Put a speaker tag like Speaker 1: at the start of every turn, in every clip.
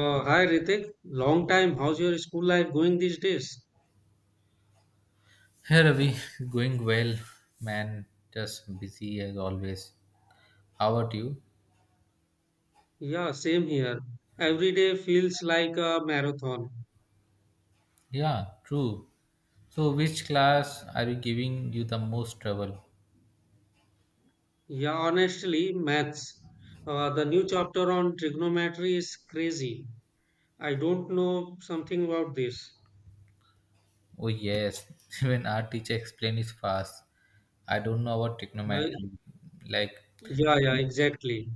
Speaker 1: Hi Ritik, long time. How's your school life going these days?
Speaker 2: Hey Ravi, going well, man. Just busy as always. How about you?
Speaker 1: Yeah, same here. Every day feels like a marathon.
Speaker 2: Yeah, true. So, which class are you giving you the most trouble?
Speaker 1: Yeah, honestly, maths. The new chapter on trigonometry is crazy. I don't know something about this.
Speaker 2: Oh yes, when our teacher explains is fast. I don't know about
Speaker 1: I,
Speaker 2: trigonometry. Like,
Speaker 1: yeah, yeah, exactly.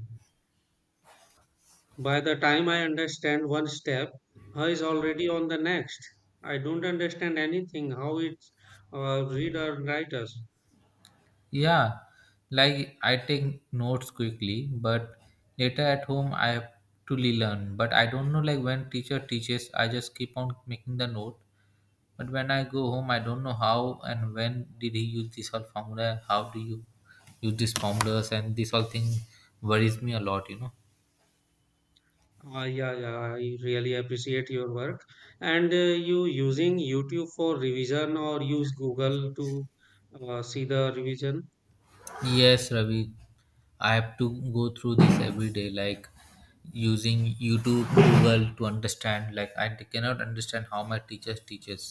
Speaker 1: By the time I understand one step, I is already on the next. I don't understand anything. How it's read or write us.
Speaker 2: yeah, like I take notes quickly, but later at home I have to relearn. But I don't know like when teacher teaches, I just keep on making the note. But when I go home, I don't know how and when did he use this all formula. How do you use these formulas? And this all thing worries me a lot.
Speaker 1: Yeah, yeah, I really appreciate your work. And you using YouTube for revision or use Google to see the revision?
Speaker 2: Yes, Ravi. I have to go through this every day, like using YouTube, Google to understand. Like I cannot understand how my teachers teaches.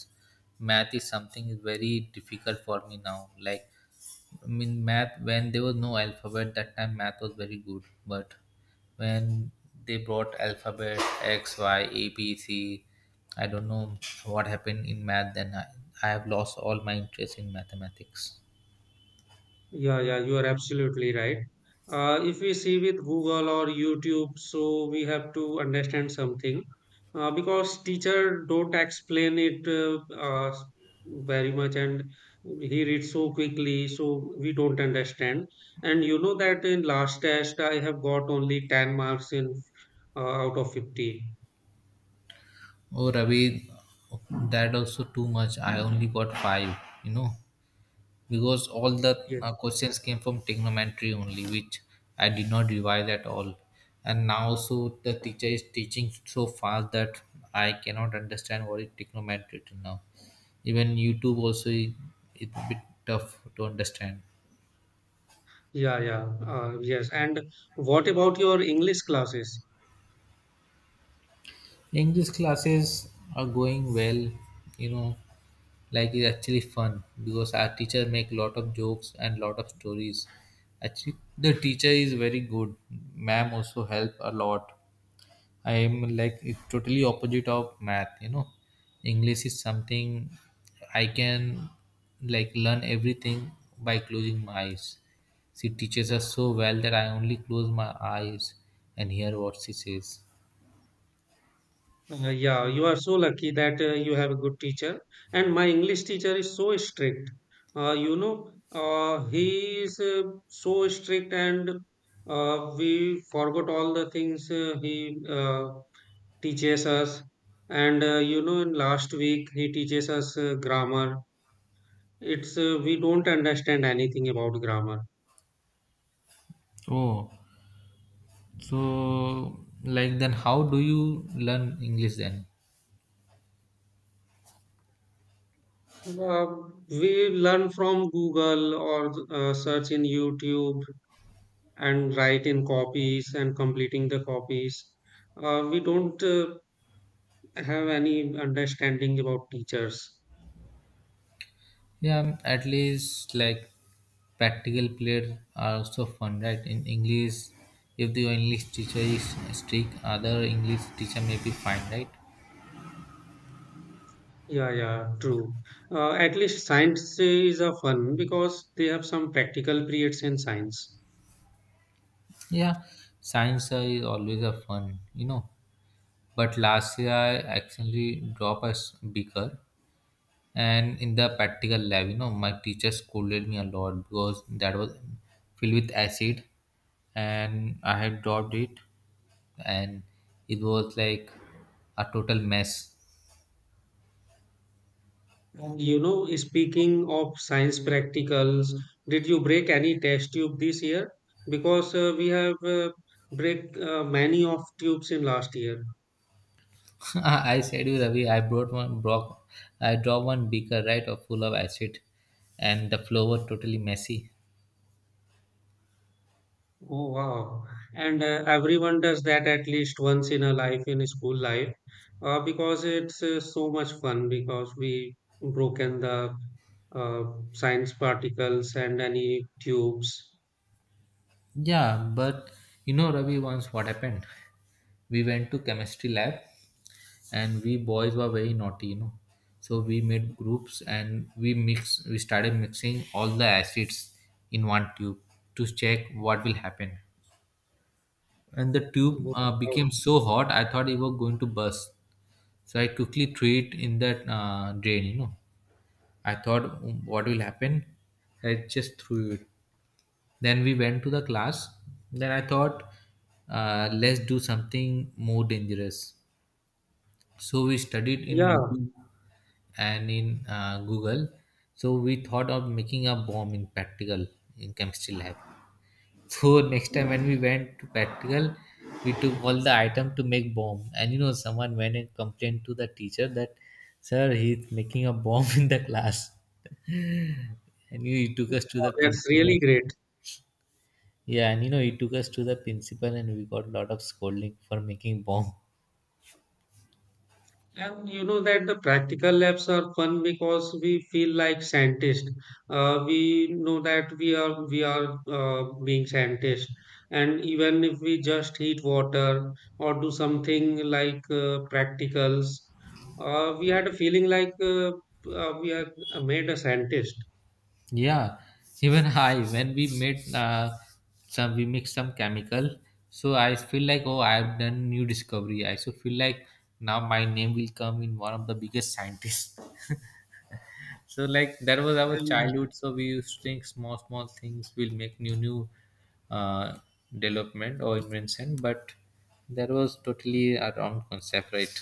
Speaker 2: Math is something is very difficult for me now. Like I mean, math when there was no alphabet that time, math was very good, but when they brought alphabet X, Y, A, B, C. I don't know what happened in math. Then I have lost all my interest in mathematics.
Speaker 1: Yeah, yeah, you are absolutely right. If we see with Google or YouTube, so we have to understand something because teacher don't explain it very much, and he reads so quickly, so we don't understand. And you know that in last test, I have got only 10 marks in uh, out of 50.
Speaker 2: Oh, Ravi, that also too much. I only got five. You know, because all the
Speaker 1: Yes.
Speaker 2: questions came from trigonometry only, which I did not revise at all. And now, so the teacher is teaching so fast that I cannot understand what is trigonometry till now. Even YouTube also it's a bit tough to understand.
Speaker 1: Yeah, yeah, yes. And what about your English classes?
Speaker 2: English classes are going well, you know, like it's actually fun because our teacher make lot of jokes and lot of stories. Actually, the teacher is very good. Ma'am also help a lot. I am like it's totally opposite of math, you know. English is something I can like learn everything by closing my eyes. She teaches us so well that I only close my eyes and hear what she says.
Speaker 1: Yeah, you are so lucky that you have a good teacher. And my English teacher is so strict. He is so strict, and we forgot all the things he teaches us. And in last week he teaches us grammar. It's we don't understand anything about grammar.
Speaker 2: Oh, so like then how do you learn English then?
Speaker 1: Uh, we learn from Google or search in YouTube and write in copies and completing the copies. We don't have any understanding about teachers.
Speaker 2: Yeah, at least like practical players are also fun, right? In English, if the English teacher is strict, other English teacher may be fine, right?
Speaker 1: Yeah, yeah, true. At least science is a fun because they have some practical periods in science.
Speaker 2: Yeah, science is always a fun, you know. But last year I accidentally dropped a beaker, and in the practical lab, you know, my teacher scolded me a lot because that was filled with acid, and I had dropped it, and it was like a total mess.
Speaker 1: And speaking of science practicals, did you break any test tube this year? Because we have break many of tubes in last year.
Speaker 2: I said you, Ravi, I brought one brock. I dropped one beaker, right, of full of acid, and the floor was totally messy.
Speaker 1: Oh wow. And everyone does that at least once in a life in school life because it's so much fun because we broken the uh, science particles and any tubes.
Speaker 2: Yeah, but you know, Ravi, once what happened, we went to chemistry lab, and we boys were very naughty, you know. So we made groups and we started mixing all the acids in one tube to check what will happen. And the tube
Speaker 1: Wow.
Speaker 2: became so hot, I thought it was going to burst. So I quickly threw it in that drain, you know. I thought, "Mm, what will happen." I just threw it. Then we went to the class. Then I thought, let's do something more dangerous. So we studied in
Speaker 1: Yeah,
Speaker 2: YouTube and in Google. So we thought of making a bomb in practical, in chemistry lab. So next time when we went to practical, we took all the item to make bomb, and you know, someone went and complained to the teacher that, "Sir, he's making a bomb in the class." And he took us to
Speaker 1: wow,
Speaker 2: the
Speaker 1: that's
Speaker 2: principal.
Speaker 1: really great.
Speaker 2: Yeah, and you know, he took us to the principal, and we got a lot of scolding for making bomb.
Speaker 1: And you know that the practical labs are fun because we feel like scientists. We know that we are being scientists, and even if we just heat water or do something like practicals, we had a feeling like we are made a scientist.
Speaker 2: Yeah, even I when we made some we mix some chemical, so I feel like, oh, I've done new discovery. I so feel like now my name will come in one of the biggest scientists. So like that was our
Speaker 1: And
Speaker 2: childhood. So we used to think small small things will make new new uh, development or invention, but that was totally a wrong concept, right?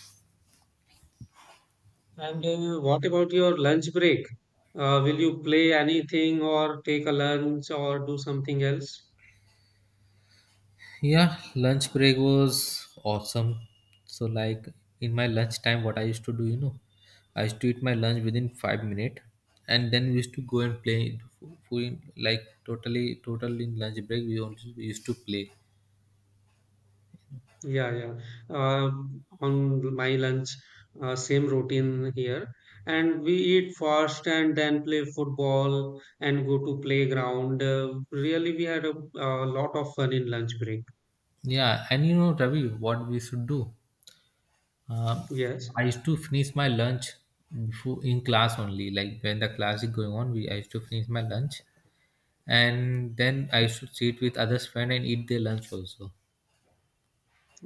Speaker 1: and what about your lunch break? Will you play anything or take a lunch or do something else?
Speaker 2: Yeah, lunch break was awesome. So like in my lunch time, what I used to do, you know, I used to eat my lunch within 5 minutes, and then we used to go and play. Like totally, total in lunch break, we used to play.
Speaker 1: Yeah, yeah. On my lunch, same routine here. And we eat first and then play football and go to playground. Really, we had a lot of fun in lunch break.
Speaker 2: Yeah, and you know, Ravi, what we should do? Um,
Speaker 1: Yes,
Speaker 2: I used to finish my lunch before in class only. Like when the class is going on, we I used to finish my lunch, and then I used to sit with others friend and eat their lunch also.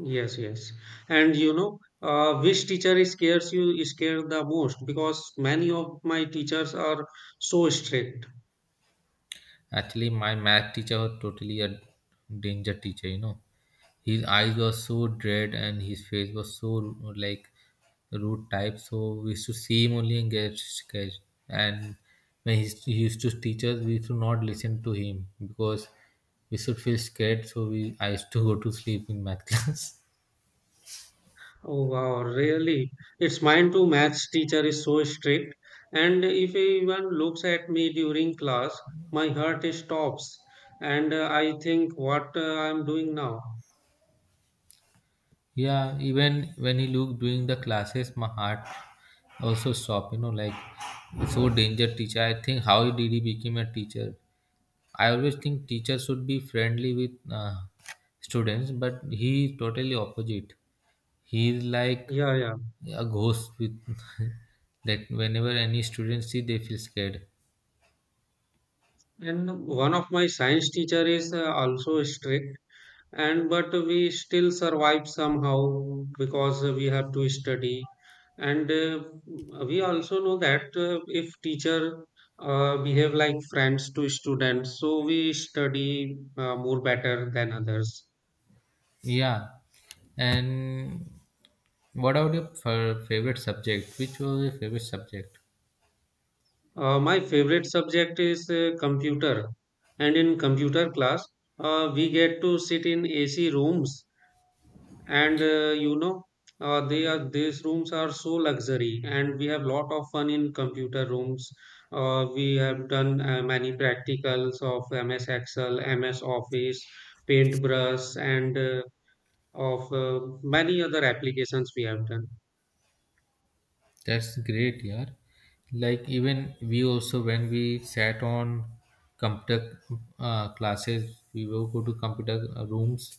Speaker 1: yes, yes. And which teacher scares you scared the most? Because many of my teachers are so strict.
Speaker 2: Actually, my math teacher was totally a danger teacher, you know. His eyes were so dread and his face was so like rude type. So we used to see him only and get scared. And when he used to teach us, we used to not listen to him because we should feel scared. So we I used to go to sleep in math class.
Speaker 1: Oh wow, really? It's mine too. Maths teacher is so strict, and if anyone looks at me during class, my heart stops, and I think what I'm doing now.
Speaker 2: Yeah, even when he looked during the classes, my heart also stopped. You know, like so danger teacher. I think how did he become a teacher? I always think teachers should be friendly with students, but he is totally opposite. He is like
Speaker 1: Yeah, yeah.
Speaker 2: a ghost with that whenever any student see, they feel scared.
Speaker 1: And one of my science teacher is also strict. And but we still survive somehow because we have to study, and we also know that if teacher behave like friends to students so we study more better than others.
Speaker 2: Yeah. And what about your favorite subject? Which was your favorite subject?
Speaker 1: My favorite subject is computer, and in computer class, we get to sit in AC rooms. And you know they are these rooms are so luxury and we have lot of fun in computer rooms. We have done many practicals of MS Excel, MS Office, paintbrush, and of many other applications we have done.
Speaker 2: That's great, yeah. Like even we also when we sat on computer classes, we will go to computer rooms.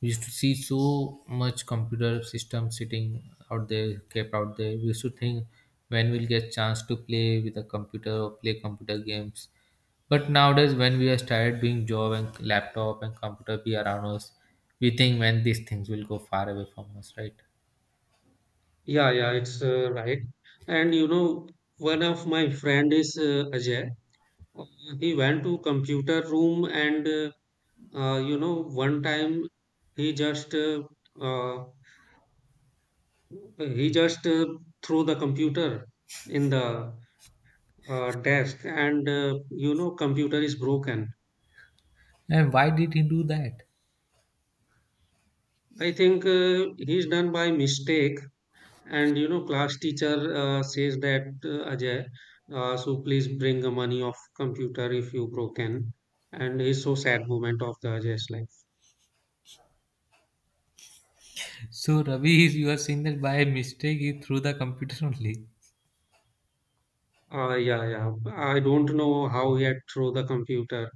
Speaker 2: We used to see so much computer system sitting out there, kept out there. We used to think when we'll get chance to play with a computer or play computer games. But nowadays, when we are started doing job and laptop and computer be around us, we think when these things will go far away from us, right?
Speaker 1: Yeah, yeah, it's right. And one of my friend is Ajay. Uh, he went to computer room, and one time he just uh, uh, He just threw the computer in the desk, and computer is broken.
Speaker 2: And why did he do that?
Speaker 1: I think he's done by mistake, and class teacher says that, Ajay, so please bring the money of computer if you broken. And he's so sad moment of the Ajay's life.
Speaker 2: So Ravi, is you are saying that by mistake he threw the computer only.
Speaker 1: Yeah, yeah. I don't know how he had throw the computer.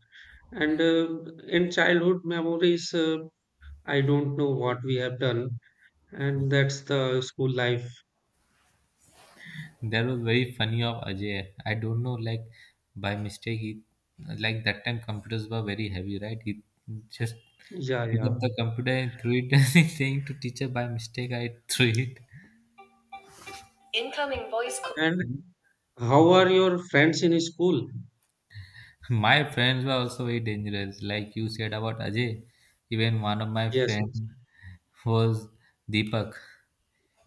Speaker 1: And in childhood memories, I don't know what we have done. And that's the school life.
Speaker 2: That was very funny of Ajay. I don't know, like by mistake he, like that time computers were very heavy, right? He just
Speaker 1: Yeah,
Speaker 2: picked up
Speaker 1: yeah.
Speaker 2: the computer and threw it, and he's saying to teacher by mistake I threw it. Incoming voice. Co-
Speaker 1: And how are your friends in school?
Speaker 2: My friends were also very dangerous, like you said about Ajay. Even one of my
Speaker 1: Yes,
Speaker 2: friend
Speaker 1: yes,
Speaker 2: was Deepak.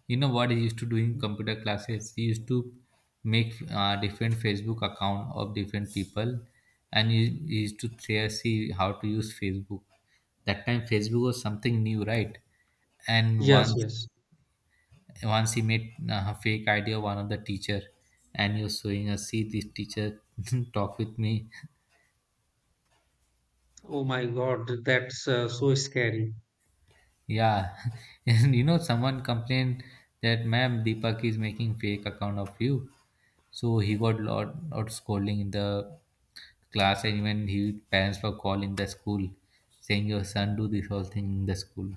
Speaker 2: You know what he used to do in computer classes? He used to make different Facebook account of different people, and he used to there see how to use Facebook. That time Facebook was something new, right? And
Speaker 1: yes, yes.
Speaker 2: once he made a fake idea one of the teacher, and he was showing us, see this teacher talk with me.
Speaker 1: Oh my God, that's so scary.
Speaker 2: Yeah, and you know, someone complained that, "Ma'am, Deepak is making fake account of you." So he got lot scolding in the class, and even his parents were calling the school, saying your son do this whole thing in the school.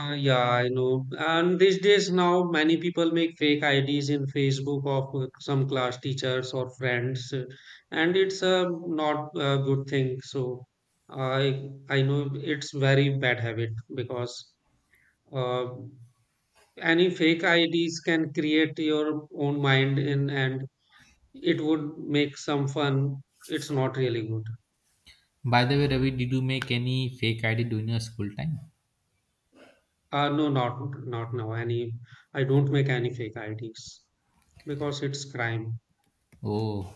Speaker 1: Yeah, I know. And these days now, many people make fake IDs in Facebook of some class teachers or friends, and it's not a good thing. So I know it's very bad habit because uh, any fake IDs can create your own mind in and it would make some fun. It's not really good.
Speaker 2: By the way, Ravi, did you make any fake ID during your school time?
Speaker 1: No, not now. Any, I don't make any fake IDs because it's crime.
Speaker 2: Oh,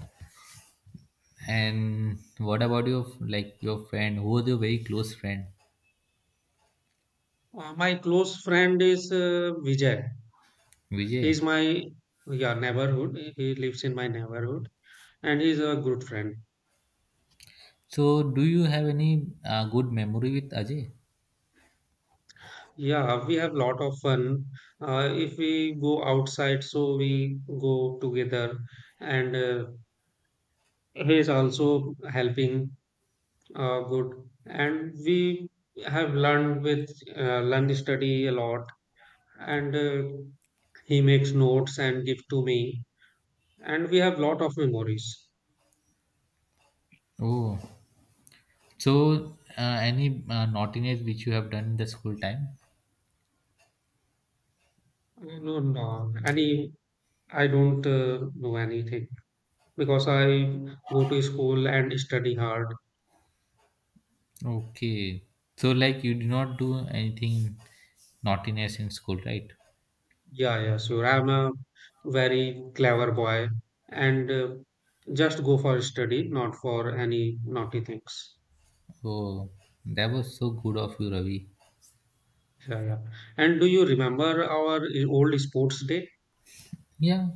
Speaker 2: and what about your like your friend? Who was your very close friend,
Speaker 1: My close friend is Vijay. He's
Speaker 2: Vijay?
Speaker 1: my yeah neighborhood. He lives in my neighborhood and he's a good friend.
Speaker 2: So, do you have any good memory with Ajay?
Speaker 1: Yeah, we have lot of fun. If we go outside, so we go together, and he is also helping, good, and we have learned with learned study a lot, and he makes notes and give to me, and we have lot of memories.
Speaker 2: Oh, so any naughtiness which you have done in the school time?
Speaker 1: No, no, any I don't know anything because I go to school and study hard.
Speaker 2: Okay. So like you did not do anything naughtiness in school, right?
Speaker 1: Yeah, yeah, sure, I'm a very clever boy, and just go for study, not for any naughty things.
Speaker 2: Oh, that was so good of you, Ravi.
Speaker 1: Yeah, yeah. And do you remember our old sports day?
Speaker 2: Yeah,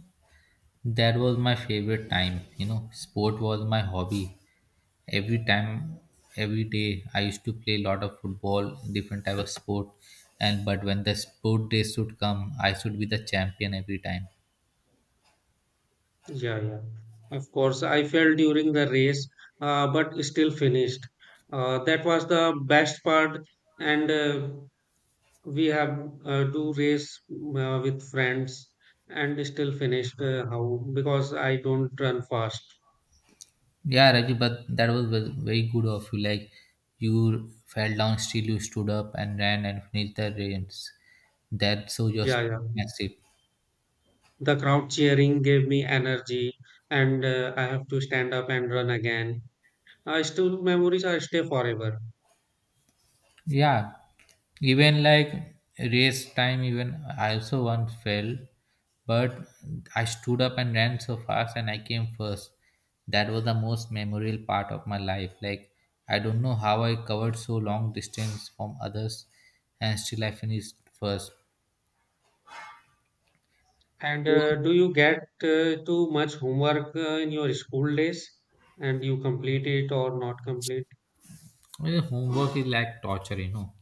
Speaker 2: that was my favorite time. You know, sport was my hobby. Every time, every day, I used to play a lot of football, different type of sport. And but when the sport days should come, I should be the champion every time.
Speaker 1: Yeah, yeah. Of course, I fell during the race, but still finished. That was the best part, and we have do race with friends and still finished. How? Because I don't run fast.
Speaker 2: Yeah, Rajiv, but that was very good of you. Like you fell down, still you stood up and ran and finished the race. That shows your
Speaker 1: Yeah, yeah.
Speaker 2: sportsmanship.
Speaker 1: The crowd cheering gave me energy, and I have to stand up and run again. I still memories are stay forever.
Speaker 2: Yeah, even like race time, even I also once fell, but I stood up and ran so fast and I came first. That was the most memorable part of my life. Like I don't know how I covered so long distance from others, and still I finished first.
Speaker 1: And do you get too much homework in your school days, and you complete it or not complete?
Speaker 2: Yeah, homework is like torture, you know.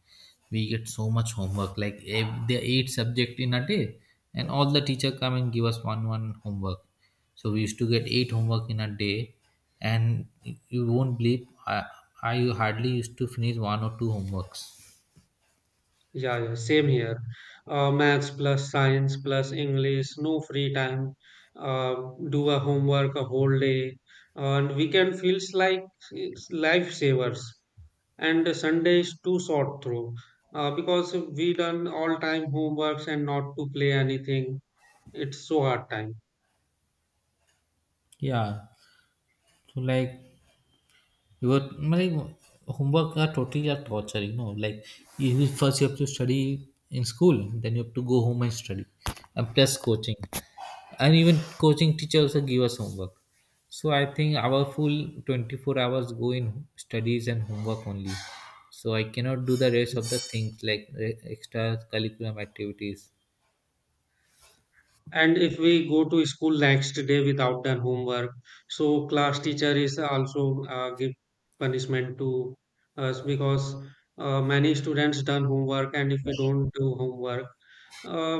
Speaker 2: We get so much homework, like if there are eight subject in a day, and all the teacher come and give us one one homework. So we used to get eight homework in a day, and you won't believe I hardly used to finish one or two homeworks.
Speaker 1: Yeah, yeah, same here. Maths plus science plus English, no free time. Uh, do a homework a whole day. And weekend feels like it's lifesavers. And Sunday is too short through because we done all time homeworks and not to play anything. It's so hard time.
Speaker 2: Yeah, so like you were like homework are totally a torture, you know. Like you have to study in school, then you have to go home and study, and plus coaching. And even coaching teacher also give us homework. So I think our full 24 hours go in studies and homework only. So I cannot do the rest of the things like extra curriculum activities.
Speaker 1: And if we go to school next day without done homework, so class teacher is also give punishment to us because many students done homework. And if we don't do homework, uh,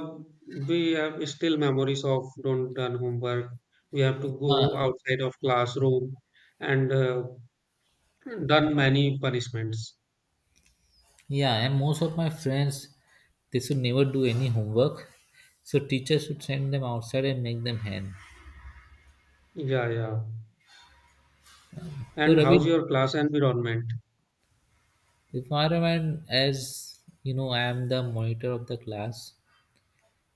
Speaker 1: we have still memories of don't done homework. We have to go
Speaker 2: uh,
Speaker 1: outside of classroom, and done many punishments.
Speaker 2: yeah, and most of my friends, they should never do any homework, so teachers should send them outside and make them hand.
Speaker 1: Yeah, yeah.
Speaker 2: So
Speaker 1: And
Speaker 2: Ravi,
Speaker 1: how's your class environment?
Speaker 2: if my, as you know, I am the monitor of the class.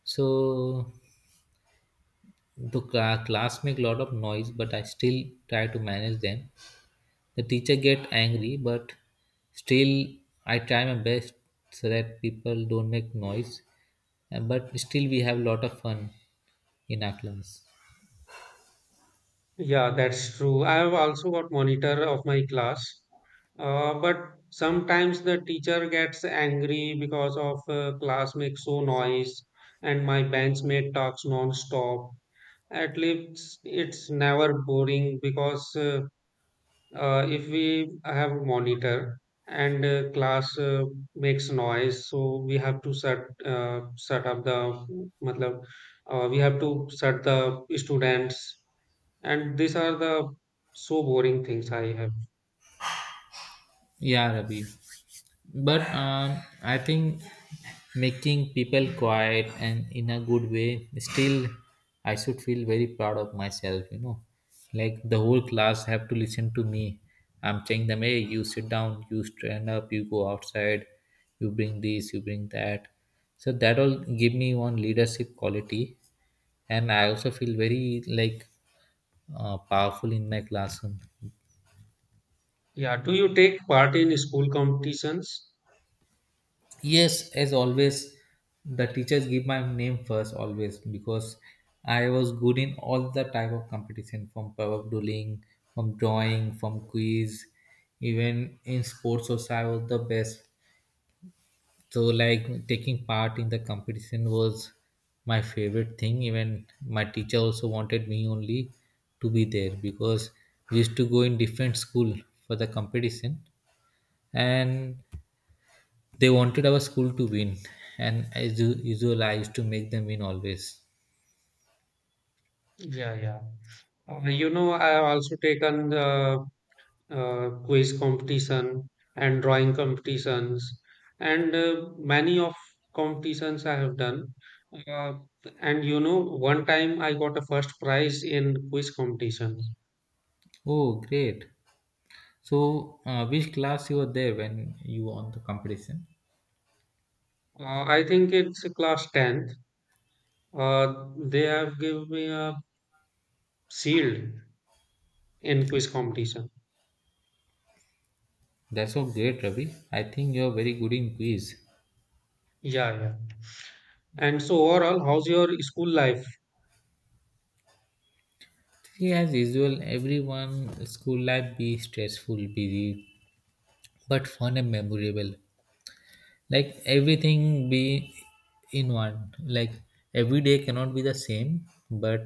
Speaker 2: So the class make a lot of noise, but I still try to manage them. The teacher get angry, but still I try my best so that people don't make noise. And- But still we have a lot of fun in our class.
Speaker 1: Yeah, that's true. I have also got monitor of my class, but sometimes the teacher gets angry because of class makes so noise and my benchmate talks non-stop. At least it's never boring because if we have monitor and class makes noise, so we have to set up the, matlab, we have to set the students. And these are the so boring things I have.
Speaker 2: Yeah, Rabi. But I think making people quiet and in a good way, still I should feel very proud of myself, you know. Like the whole class have to listen to me. I'm telling them, hey, you sit down, you stand up, you go outside, you bring this, you bring that. So that all give me one leadership quality, and I also feel very like powerful in my classroom.
Speaker 1: Yeah, do you take part in school competitions?
Speaker 2: Yes, as always, the teachers give my name first always because I was good in all the type of competition, from power doodling, from drawing, from quiz, even in sports also I was the best. So like taking part in the competition was my favorite thing. Even my teacher also wanted me only to be there because we used to go in different school for the competition, and they wanted our school to win, and as usual, I used to make them win always.
Speaker 1: Yeah, yeah. I have also taken quiz competition and drawing competitions, and many of competitions I have done. Uh, and one time I got a first prize in quiz competition.
Speaker 2: Oh, great! So, which class you were there when you won the competition?
Speaker 1: I think it's class 10th. They have given me a shield in quiz competition.
Speaker 2: That's all great, Ravi. I think you are very good in quiz.
Speaker 1: Yeah, yeah. And so overall, how's your school life?
Speaker 2: See, as usual, everyone school life be stressful, busy, but fun and memorable. Like everything be in one. Like every day cannot be the same, but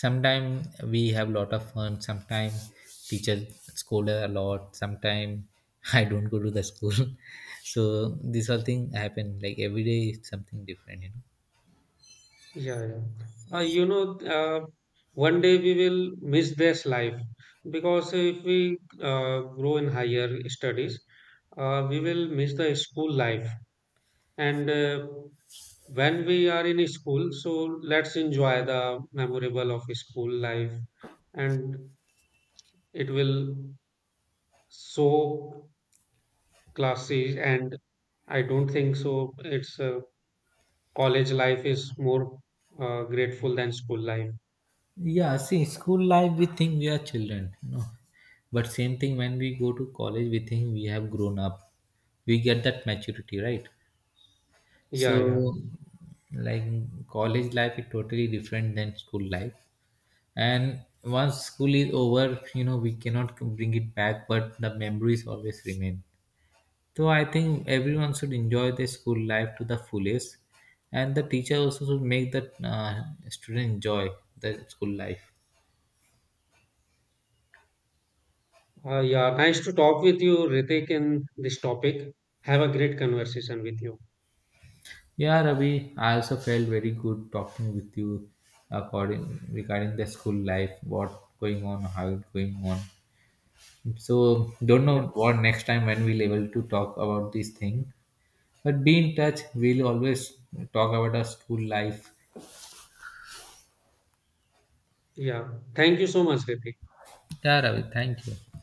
Speaker 2: sometimes we have lot of fun. Sometimes teachers scold a lot. Sometimes I don't go to the school. So this whole thing happen like every day is something different, you know.
Speaker 1: Yeah, yeah. Uh, you know, uh, one day we will miss this life because if we grow in higher studies, we will miss the school life. And when we are in school, so let's enjoy the memorable of school life, and it will show classes. And I don't think so. It's college life is more grateful than school life.
Speaker 2: Yeah, see, school life we think we are children, you know. But same thing when we go to college, we think we have grown up. We get that maturity, right? So,
Speaker 1: Yeah, yeah.
Speaker 2: like college life is totally different than school life. And once school is over, you know, we cannot bring it back, but the memories always remain. So I think everyone should enjoy their school life to the fullest, and the teacher also should make the student enjoy the school life.
Speaker 1: Yeah, nice to talk with you, Ritik, in this topic. Have a great conversation with you.
Speaker 2: Yeah Ravi, I also felt very good talking with you, according regarding the school life, what going on, how it going on. So don't
Speaker 1: Yeah,
Speaker 2: know what next time when we'll able to talk about this thing. But be in touch. We'll always talk about our school life.
Speaker 1: yeah. Thank you so much, Ritik.
Speaker 2: Yeah, Ravi, thank you.